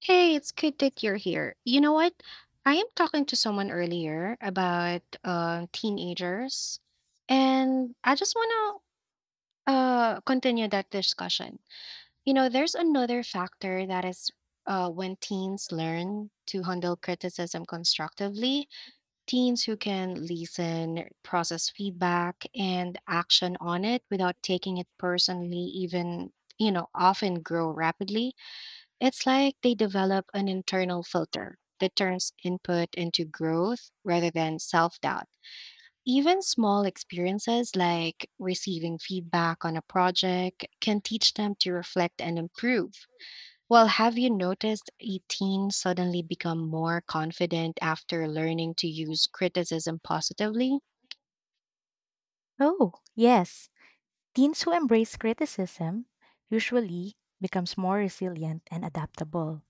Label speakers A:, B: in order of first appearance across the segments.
A: Hey, it's good that you're here. You know what? I am talking to someone earlier about teenagers, and I just want to continue that discussion. You know, there's another factor that is when teens learn to handle criticism constructively. Teens who can listen, process feedback, and action on it without taking it personally, even, often grow rapidly. It's like they develop an internal filter that turns input into growth rather than self doubt. Even small experiences like receiving feedback on a project can teach them to reflect and improve. Well, have you noticed a teen suddenly become more confident after learning to use criticism positively?
B: Oh, yes. Teens who embrace criticism usually becomes more resilient and adaptable.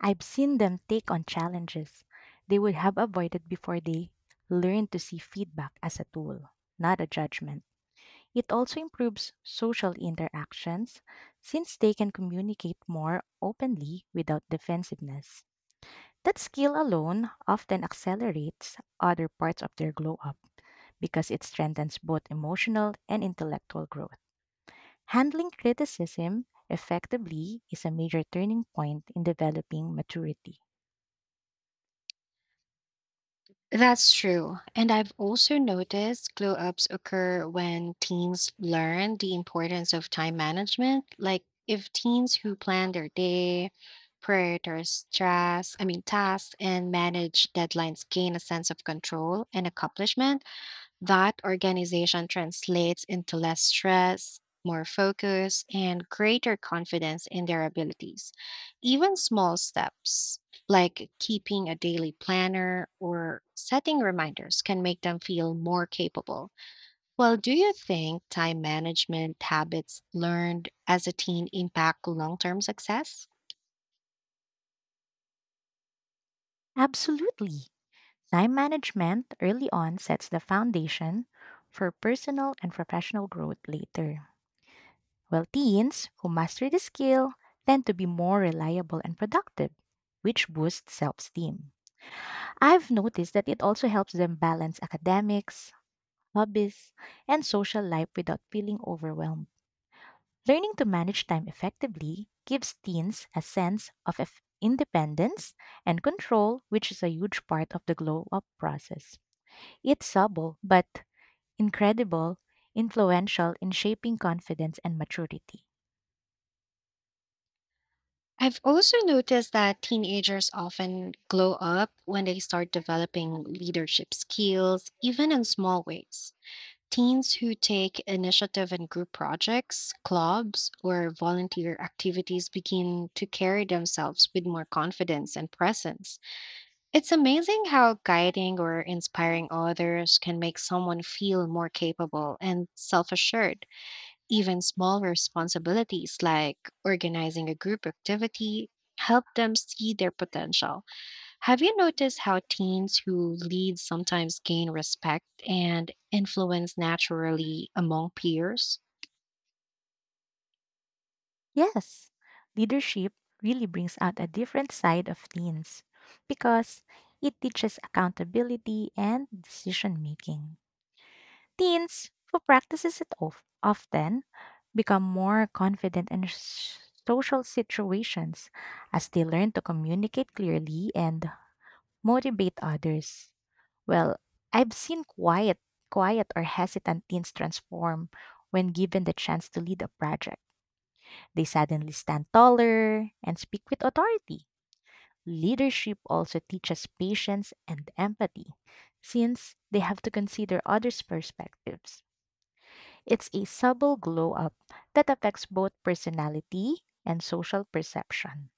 B: I've seen them take on challenges they would have avoided before they learn to see feedback as a tool, not a judgment. It also improves social interactions since they can communicate more openly without defensiveness. That skill alone often accelerates other parts of their glow up because it strengthens both emotional and intellectual growth. Handling criticism effectively is a major turning point in developing maturity.
A: That's true. And I've also noticed glow ups occur when teens learn the importance of time management. Like if teens who plan their day, prioritize stress, I mean tasks and manage deadlines gain a sense of control and accomplishment, that organization translates into less stress, more focus, and greater confidence in their abilities. Even small steps, like keeping a daily planner or setting reminders, can make them feel more capable. Well, do you think time management habits learned as a teen impact long term success?
B: Absolutely. Time management early on sets the foundation for personal and professional growth later. While teens who master the skill tend to be more reliable and productive, which boosts self esteem. I've noticed that it also helps them balance academics, hobbies, and social life without feeling overwhelmed. Learning to manage time effectively gives teens a sense of independence and control, which is a huge part of the glow up process. It's subtle but incredible, influential in shaping confidence and maturity.
A: I've also noticed that teenagers often glow up when they start developing leadership skills, even in small ways. Teens who take initiative in group projects, clubs, or volunteer activities begin to carry themselves with more confidence and presence. It's amazing how guiding or inspiring others can make someone feel more capable and self assured. Even small responsibilities like organizing a group activity help them see their potential. Have you noticed how teens who lead sometimes gain respect and influence naturally among peers?
B: Yes, leadership really brings out a different side of teens because it teaches accountability and decision making. Teens who practices it often become more confident in social situations as they learn to communicate clearly and motivate others. Well, I've seen quiet or hesitant teens transform when given the chance to lead a project. They suddenly stand taller and speak with authority. Leadership also teaches patience and empathy, since they have to consider others' perspectives. It's a subtle glow up that affects both personality and social perception.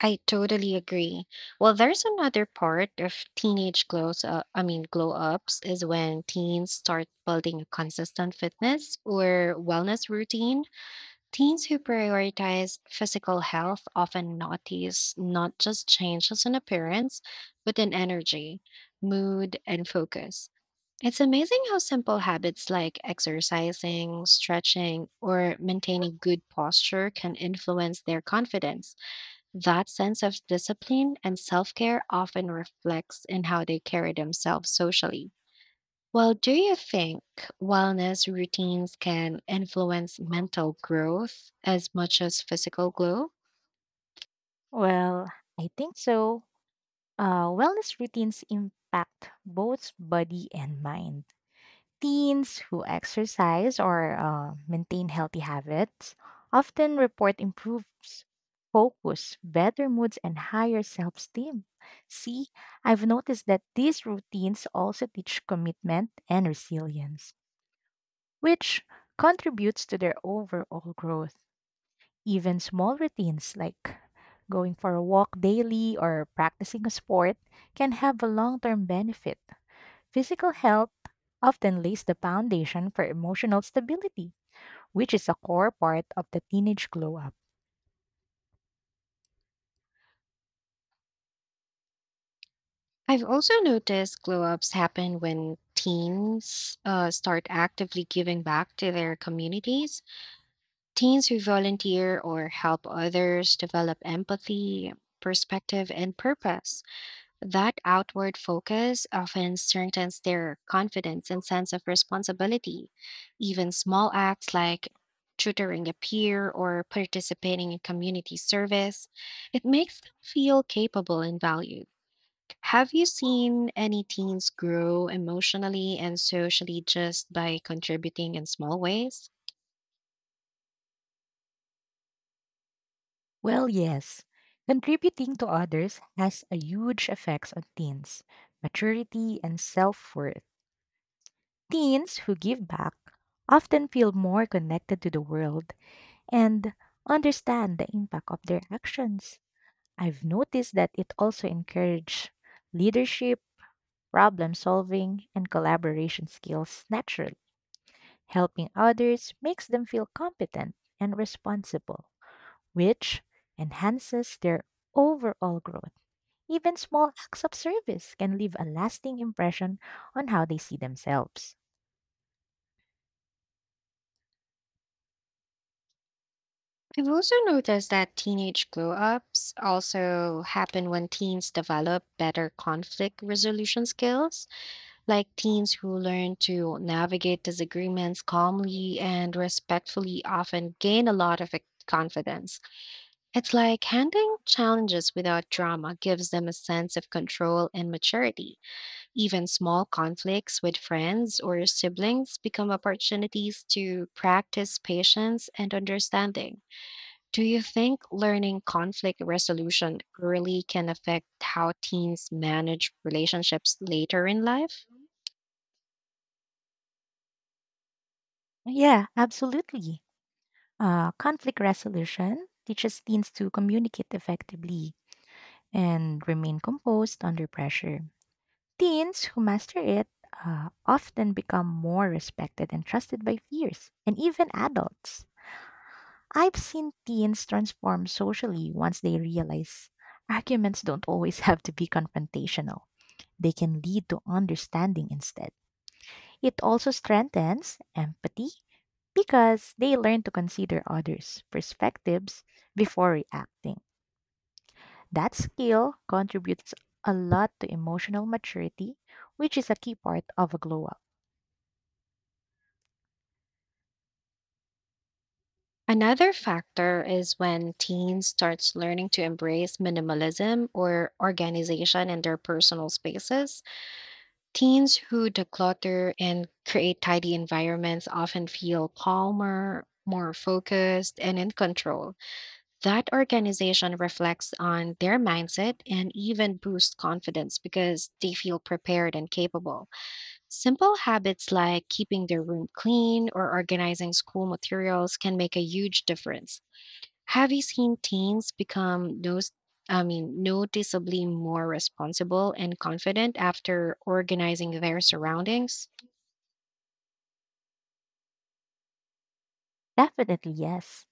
A: I totally agree. Well, there's another part of teenage glows I mean glow ups is when teens start building a consistent fitness or wellness routine. Teens who prioritize physical health often notice not just changes in appearance, but in energy, mood, and focus. It's amazing how simple habits like exercising, stretching, or maintaining good posture can influence their confidence. That sense of discipline and self care often reflects in how they carry themselves socially. Well, do you think wellness routines can influence mental growth as much as physical glow?
B: Well, I think so. Wellness routines impact both body and mind. Teens who exercise or maintain healthy habits often report improves focus, better moods, and higher self esteem. See, I've noticed that these routines also teach commitment and resilience, which contributes to their overall growth. Even small routines like going for a walk daily or practicing a sport can have a long term benefit. Physical health often lays the foundation for emotional stability, which is a core part of the teenage glow up.
A: I've also noticed glow ups happen when teens start actively giving back to their communities. Teens who volunteer or help others develop empathy, perspective, and purpose. That outward focus often strengthens their confidence and sense of responsibility. Even small acts like tutoring a peer or participating in community service, it makes them feel capable and valued. Have you seen any teens grow emotionally and socially just by contributing in small ways?
B: Well, yes, contributing to others has a huge effects on teens, maturity, and self-worth. Teens who give back often feel more connected to the world and understand the impact of their actions. I've noticed that it also encourages leadership, problem solving, and collaboration skills naturally. Helping others makes them feel competent and responsible, which enhances their overall growth. Even small acts of service can leave a lasting impression on how they see themselves.
A: I've also noticed that teenage glow ups also happen when teens develop better conflict resolution skills. Like teens who learn to navigate disagreements calmly and respectfully often gain a lot of confidence. It's like handling challenges without drama gives them a sense of control and maturity. Even small conflicts with friends or siblings become opportunities to practice patience and understanding. Do you think learning conflict resolution early can affect how teens manage relationships later in life?
B: Yeah, absolutely. Conflict resolution teaches teens to communicate effectively and remain composed under pressure. Teens who master it often become more respected and trusted by peers and even adults. I've seen teens transform socially once they realize arguments don't always have to be confrontational. They can lead to understanding instead. It also strengthens empathy because they learn to consider others' perspectives before reacting. That skill contributes a lot to emotional maturity, which is a key part of a glow up.
A: Another factor is when teens starts learning to embrace minimalism or organization in their personal spaces. Teens who declutter and create tidy environments often feel calmer, more focused, and in control. That organization reflects on their mindset and even boosts confidence because they feel prepared and capable. Simple habits like keeping their room clean or organizing school materials can make a huge difference. Have you seen teens become those I mean noticeably more responsible and confident after organizing their surroundings?
B: Definitely, yes.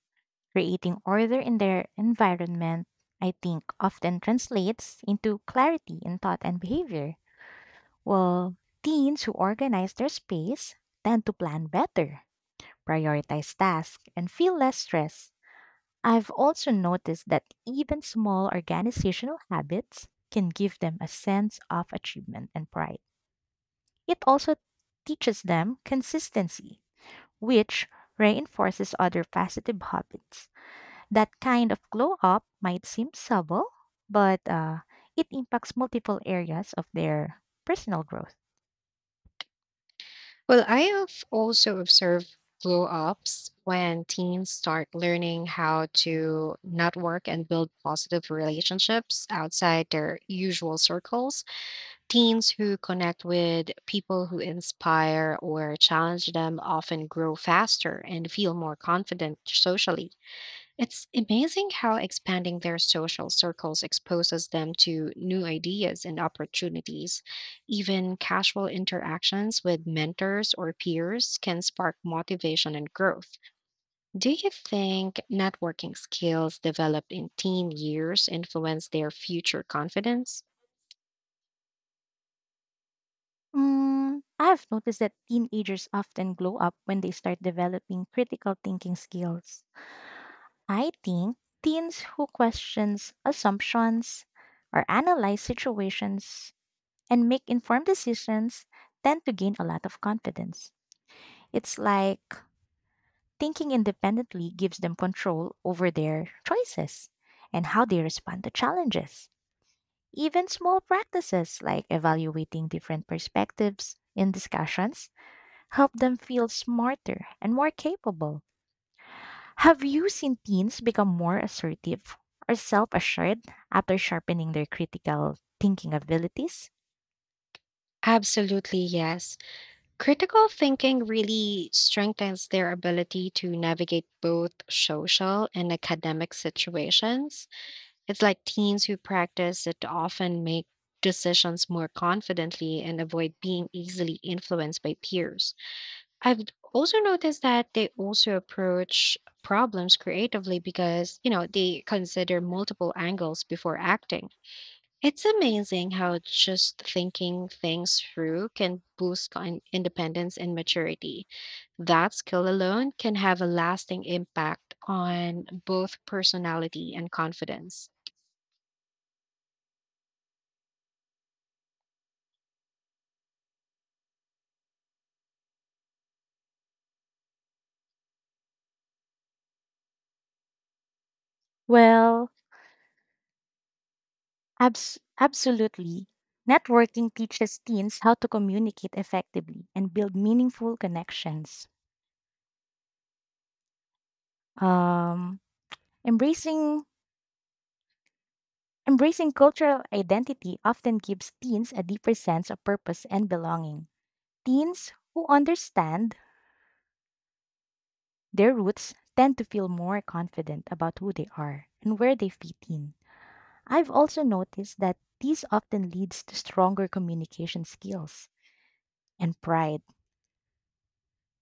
B: Creating order in their environment, I think, often translates into clarity in thought and behavior. While teens who organize their space tend to plan better, prioritize tasks, and feel less stress. I've also noticed that even small organizational habits can give them a sense of achievement and pride. It also teaches them consistency, which reinforces other positive habits. That kind of glow up might seem subtle, but it impacts multiple areas of their personal growth.
A: Well, I have also observed glow ups when teens start learning how to network and build positive relationships outside their usual circles. Teens who connect with people who inspire or challenge them often grow faster and feel more confident socially. It's amazing how expanding their social circles exposes them to new ideas and opportunities. Even casual interactions with mentors or peers can spark motivation and growth. Do you think networking skills developed in teen years influence their future confidence?
B: I've noticed that teenagers often glow up when they start developing critical thinking skills. I think teens who questions assumptions or analyze situations and make informed decisions tend to gain a lot of confidence. It's like thinking independently gives them control over their choices and how they respond to challenges. Even small practices like evaluating different perspectives in discussions help them feel smarter and more capable. Have you seen teens become more assertive or self assured after sharpening their critical thinking abilities?
A: Absolutely, yes. Critical thinking really strengthens their ability to navigate both social and academic situations. It's like teens who practice it often make decisions more confidently and avoid being easily influenced by peers. I've also noticed that they also approach problems creatively because, they consider multiple angles before acting. It's amazing how just thinking things through can boost independence and maturity. That skill alone can have a lasting impact on both personality and confidence.
B: Well, absolutely. Networking teaches teens how to communicate effectively and build meaningful connections. Um, embracing embracing cultural identity often gives teens a deeper sense of purpose and belonging. Teens who understand their roots tend to feel more confident about who they are and where they fit in. I've also noticed that this often leads to stronger communication skills and pride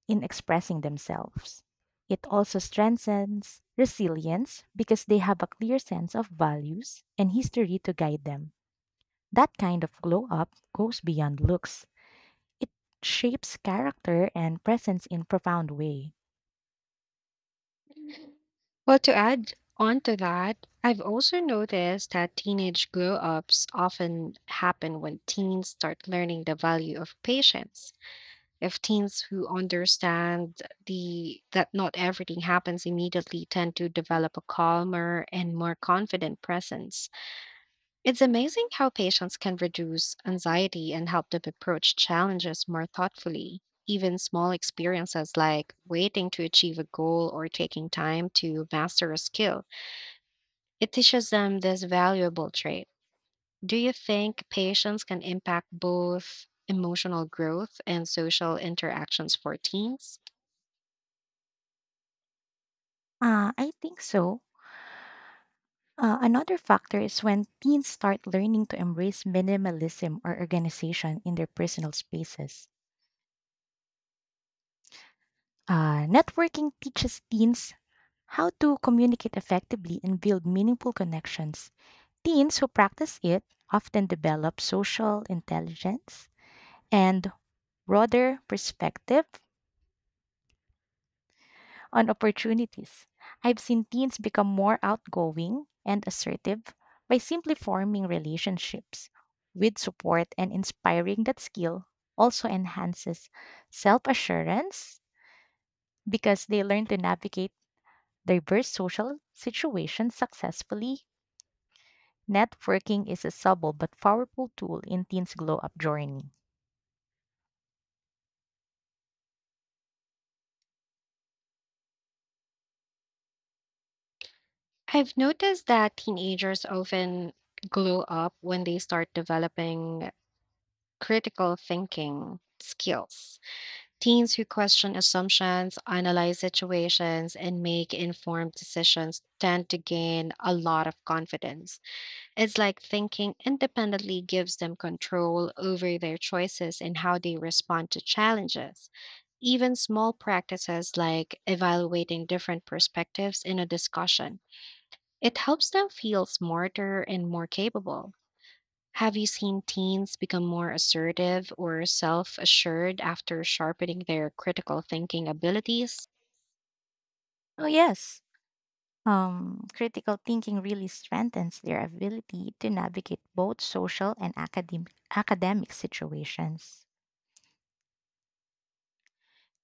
B: in expressing themselves. It also strengthens resilience because they have a clear sense of values and history to guide them. That kind of glow up goes beyond looks. It shapes character and presence in profound way.
A: Well, to add on to that, I've also noticed that teenage glow ups often happen when teens start learning the value of patience. If teens who understand the that not everything happens immediately tend to develop a calmer and more confident presence. It's amazing how patience can reduce anxiety and help them approach challenges more thoughtfully. Even small experiences like waiting to achieve a goal or taking time to master a skill, it teaches them this valuable trait. Do you think patience can impact both emotional growth and social interactions for teens?
B: I think so. Another factor is when teens start learning to embrace minimalism or organization in their personal spaces. Networking teaches teens how to communicate effectively and build meaningful connections. Teens who practice it often develop social intelligence and broader perspective on opportunities. I've seen teens become more outgoing and assertive by simply forming relationships with support and inspiring that skill also enhances self assurance because they learn to navigate diverse social situations successfully. Networking is a subtle but powerful tool in teens' glow up journey.
A: I've noticed that teenagers often glow up when they start developing critical thinking skills. Teens who question assumptions, analyze situations, and make informed decisions tend to gain a lot of confidence. It's like thinking independently gives them control over their choices and how they respond to challenges. Even small practices like evaluating different perspectives in a discussion, it helps them feel smarter and more capable. Have you seen teens become more assertive or self assured after sharpening their critical thinking abilities?
B: Oh, yes. Critical thinking really strengthens their ability to navigate both social and academic situations.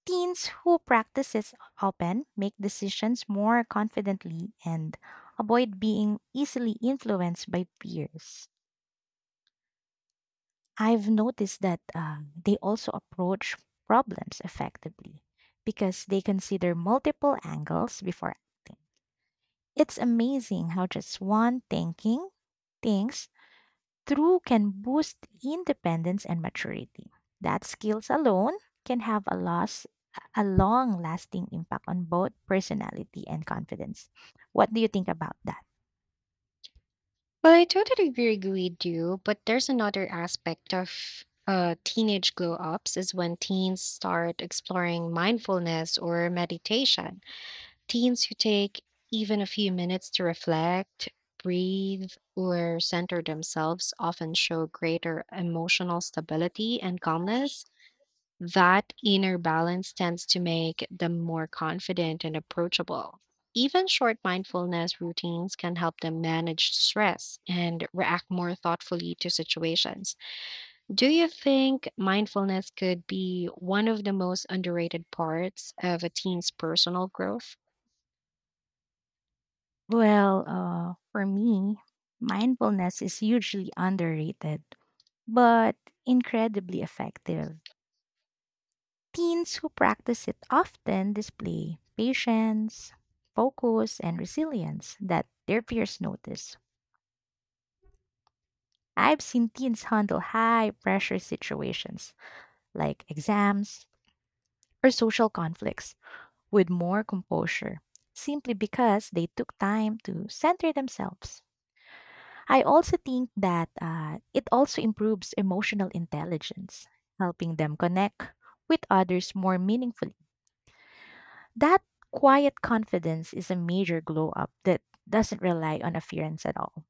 B: Teens who practice this often make decisions more confidently and avoid being easily influenced by peers. I've noticed that they also approach problems effectively because they consider multiple angles before acting. It's amazing how just one thinking things through can boost independence and maturity. That skills alone can have a loss a long lasting impact on both personality and confidence. What do you think about that?
A: Well, I totally agree with you, but there's another aspect of teenage glow ups is when teens start exploring mindfulness or meditation. Teens who take even a few minutes to reflect, breathe, or center themselves often show greater emotional stability and calmness. That inner balance tends to make them more confident and approachable. Even short mindfulness routines can help them manage stress and react more thoughtfully to situations. Do you think mindfulness could be one of the most underrated parts of a teen's personal growth?
B: Well, for me, mindfulness is hugely underrated, but incredibly effective. Teens who practice it often display patience, focus, and resilience that their peers notice. I've seen teens handle high pressure situations like exams or social conflicts with more composure simply because they took time to center themselves. I also think that it also improves emotional intelligence, helping them connect with others more meaningfully. That quiet confidence is a major glow up that doesn't rely on appearance at all.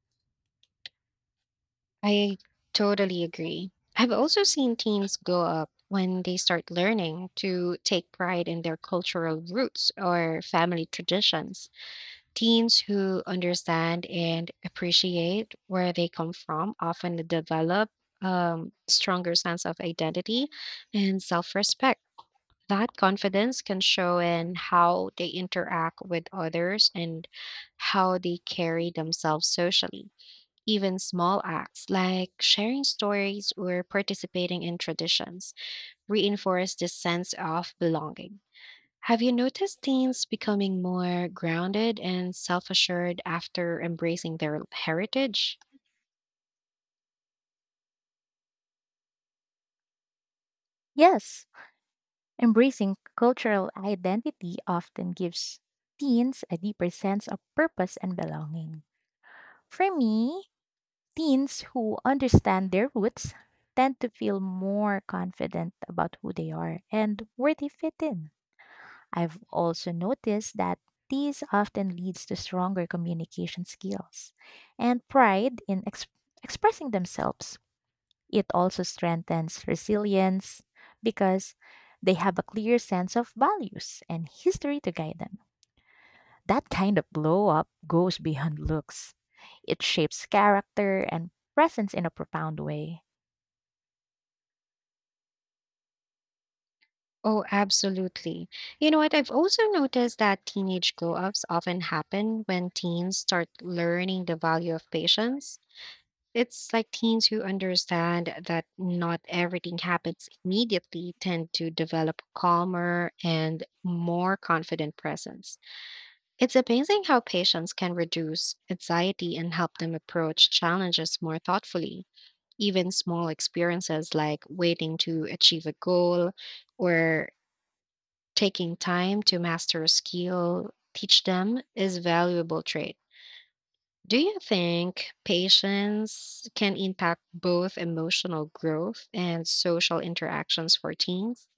A: I totally agree. I've also seen teens go up when they start learning to take pride in their cultural roots or family traditions. Teens who understand and appreciate where they come from often develop stronger sense of identity and self-respect. That confidence can show in how they interact with others and how they carry themselves socially. Even small acts like sharing stories or participating in traditions reinforce this sense of belonging. Have you noticed teens becoming more grounded and self assured after embracing their heritage?
B: Yes, embracing cultural identity often gives teens a deeper sense of purpose and belonging. For me, teens who understand their roots tend to feel more confident about who they are and where they fit in. I've also noticed that these often leads to stronger communication skills and pride in expressing themselves. It also strengthens resilience because they have a clear sense of values and history to guide them. That kind of blow up goes beyond looks. It shapes character and presence in a profound way.
A: Oh, absolutely. You know what? I've also noticed that teenage glow ups often happen when teens start learning the value of patience. It's like teens who understand that not everything happens immediately tend to develop calmer and more confident presence. It's amazing how patients can reduce anxiety and help them approach challenges more thoughtfully. Even small experiences like waiting to achieve a goal or taking time to master a skill teach them is valuable trait. Do you think patience can impact both emotional growth and social interactions for teens?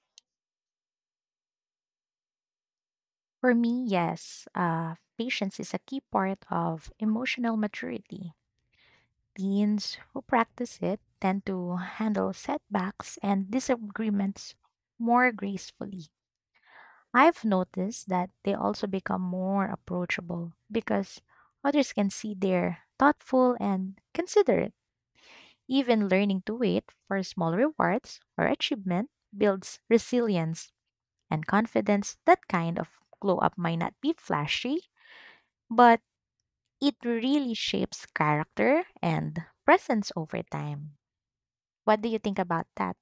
B: For me, yes, patience is a key part of emotional maturity. Teens who practice it tend to handle setbacks and disagreements more gracefully. I've noticed that they also become more approachable because others can see they're thoughtful and considerate. Even learning to wait for small rewards or achievement builds resilience and confidence. That kind of glow up might not be flashy, but it really shapes character and presence over time. What do you think about that?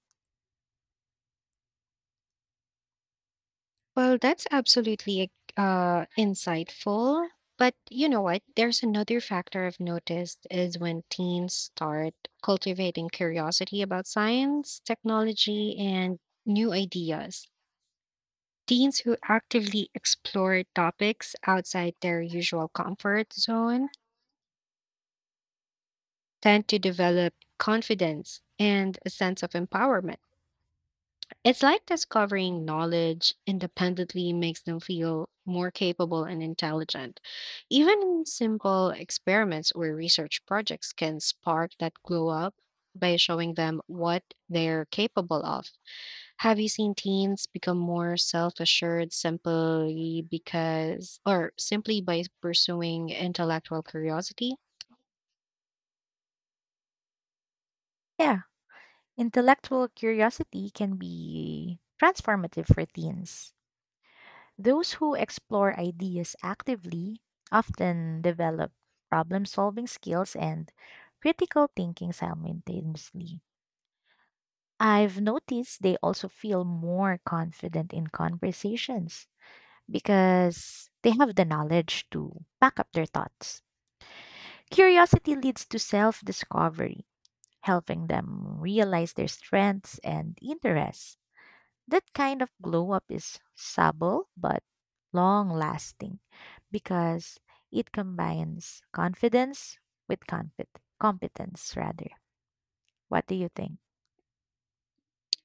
A: Well, that's absolutely insightful. But you know what? There's another factor I've noticed is when teens start cultivating curiosity about science, technology, and new ideas. Teens who actively explore topics outside their usual comfort zone tend to develop confidence and a sense of empowerment. It's like discovering knowledge independently makes them feel more capable and intelligent. Even simple experiments or research projects can spark that glow up by showing them what they're capable of. Have you seen teens become more self-assured simply because or simply by pursuing intellectual curiosity?
B: Yeah, intellectual curiosity can be transformative for teens. Those who explore ideas actively often develop problem solving skills and critical thinking simultaneously. I've noticed they also feel more confident in conversations because they have the knowledge to back up their thoughts. Curiosity leads to self discovery, helping them realize their strengths and interests. That kind of glow up is subtle but long lasting because it combines confidence with competence rather. What do you think?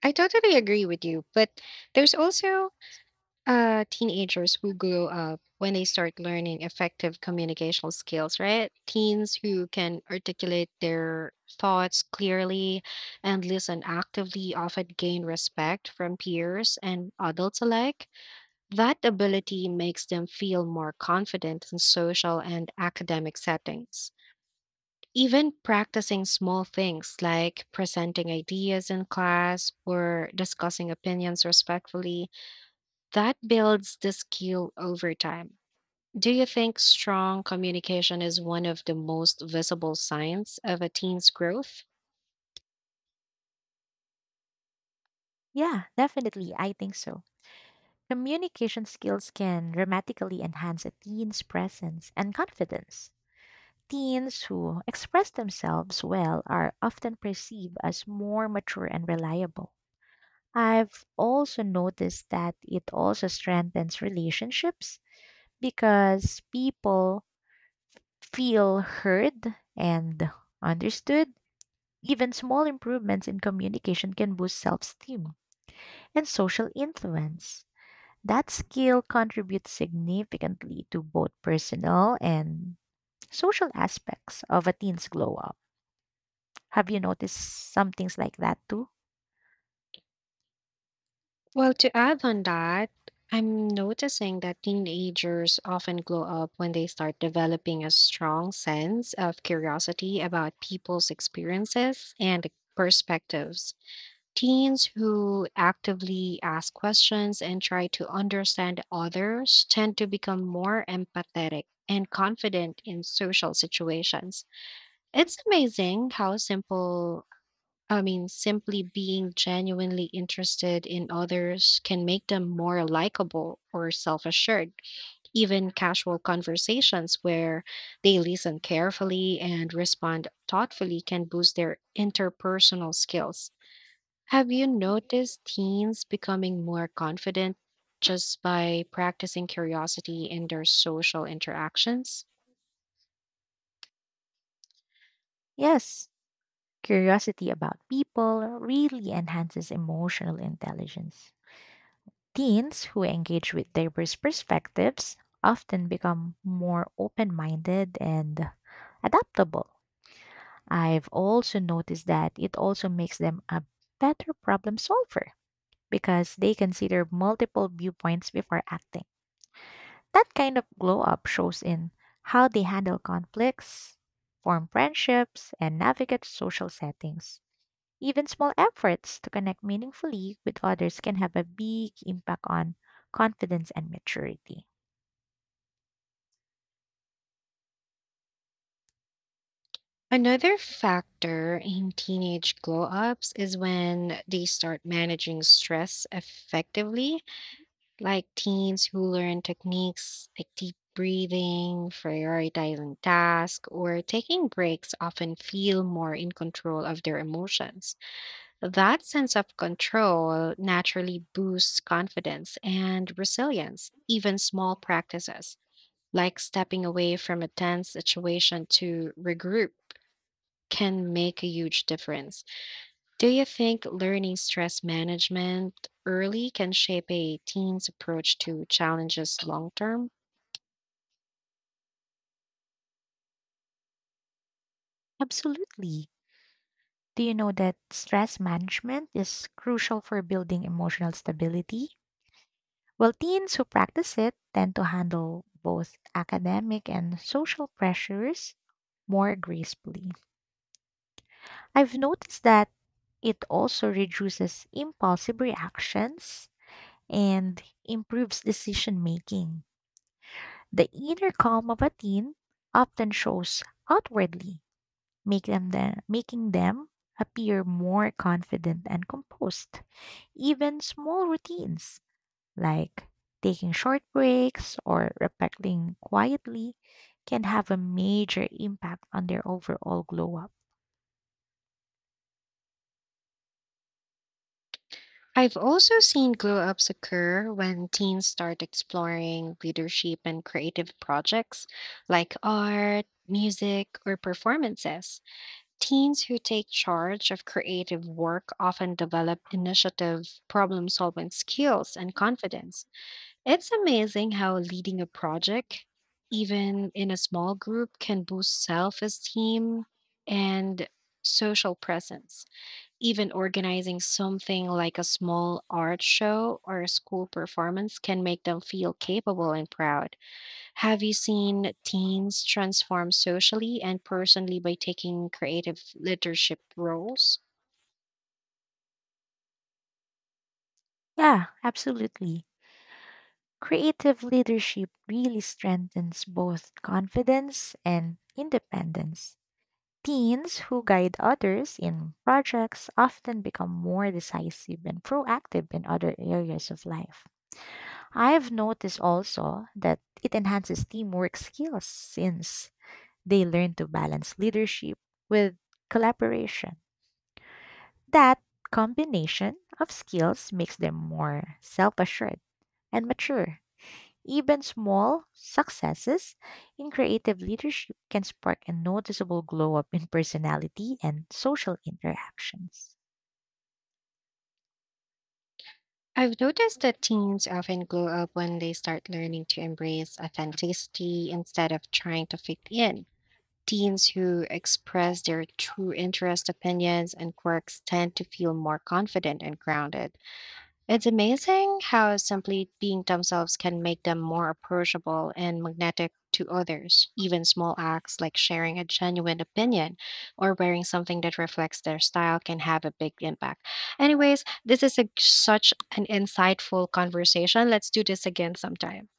A: I totally agree with you, but there's also teenagers who grow up when they start learning effective communication skills, right? Teens who can articulate their thoughts clearly and listen actively often gain respect from peers and adults alike. That ability makes them feel more confident in social and academic settings. Even practicing small things like presenting ideas in class or discussing opinions respectfully, that builds the skill over time. Do you think strong communication is one of the most visible signs of a teen's growth?
B: Yeah, definitely. I think so. Communication skills can dramatically enhance a teen's presence and confidence. Teens who express themselves well are often perceived as more mature and reliable. I've also noticed that it also strengthens relationships because people feel heard and understood. Even small improvements in communication can boost self esteem and social influence. That skill contributes significantly to both personal and social aspects of a teen's glow up. Have you noticed some things like that too?
A: Well, to add on that, I'm noticing that teenagers often glow up when they start developing a strong sense of curiosity about people's experiences and perspectives. Teens who actively ask questions and try to understand others tend to become more empathetic and confident in social situations. It's amazing how simply being genuinely interested in others can make them more likable or self assured. Even casual conversations where they listen carefully and respond thoughtfully can boost their interpersonal skills. Have you noticed teens becoming more confident just by practicing curiosity in their social interactions?
B: Yes, curiosity about people really enhances emotional intelligence. Teens who engage with diverse perspectives often become more open minded and adaptable. I've also noticed that it also makes them a better problem solver because they consider multiple viewpoints before acting. That kind of glow up shows in how they handle conflicts, form friendships, and navigate social settings. Even small efforts to connect meaningfully with others can have a big impact on confidence and maturity.
A: Another factor in teenage glow ups is when they start managing stress effectively, like teens who learn techniques like deep breathing, prioritizing tasks, or taking breaks often feel more in control of their emotions. That sense of control naturally boosts confidence and resilience. Even small practices, like stepping away from a tense situation to regroup, can make a huge difference. Do you think learning stress management early can shape a teen's approach to challenges long term?
B: Absolutely. Do you know that stress management is crucial for building emotional stability? Well, teens who practice it tend to handle both academic and social pressures more gracefully. I've noticed that it also reduces impulsive reactions and improves decision making. The inner calm of a teen often shows outwardly, making them appear more confident and composed. Even small routines like taking short breaks or reflecting quietly can have a major impact on their overall glow up.
A: I've also seen glow ups occur when teens start exploring leadership and creative projects like art, music, or performances. Teens who take charge of creative work often develop initiative, problem solving skills, and confidence. It's amazing how leading a project, even in a small group, can boost self esteem and social presence. Even organizing something like a small art show or a school performance can make them feel capable and proud. Have you seen teens transform socially and personally by taking creative leadership roles?
B: Yeah, absolutely. Creative leadership really strengthens both confidence and independence. Teens who guide others in projects often become more decisive and proactive in other areas of life. I've noticed also that it enhances teamwork skills since they learn to balance leadership with collaboration. That combination of skills makes them more self assured and mature. Even small successes in creative leadership can spark a noticeable glow up in personality and social interactions.
A: I've noticed that teens often grow up when they start learning to embrace authenticity instead of trying to fit in. Teens who express their true interests, opinions, and quirks tend to feel more confident and grounded. It's amazing how simply being themselves can make them more approachable and magnetic to others. Even small acts like sharing a genuine opinion or wearing something that reflects their style can have a big impact. Anyways, this is such an insightful conversation. Let's do this again sometime.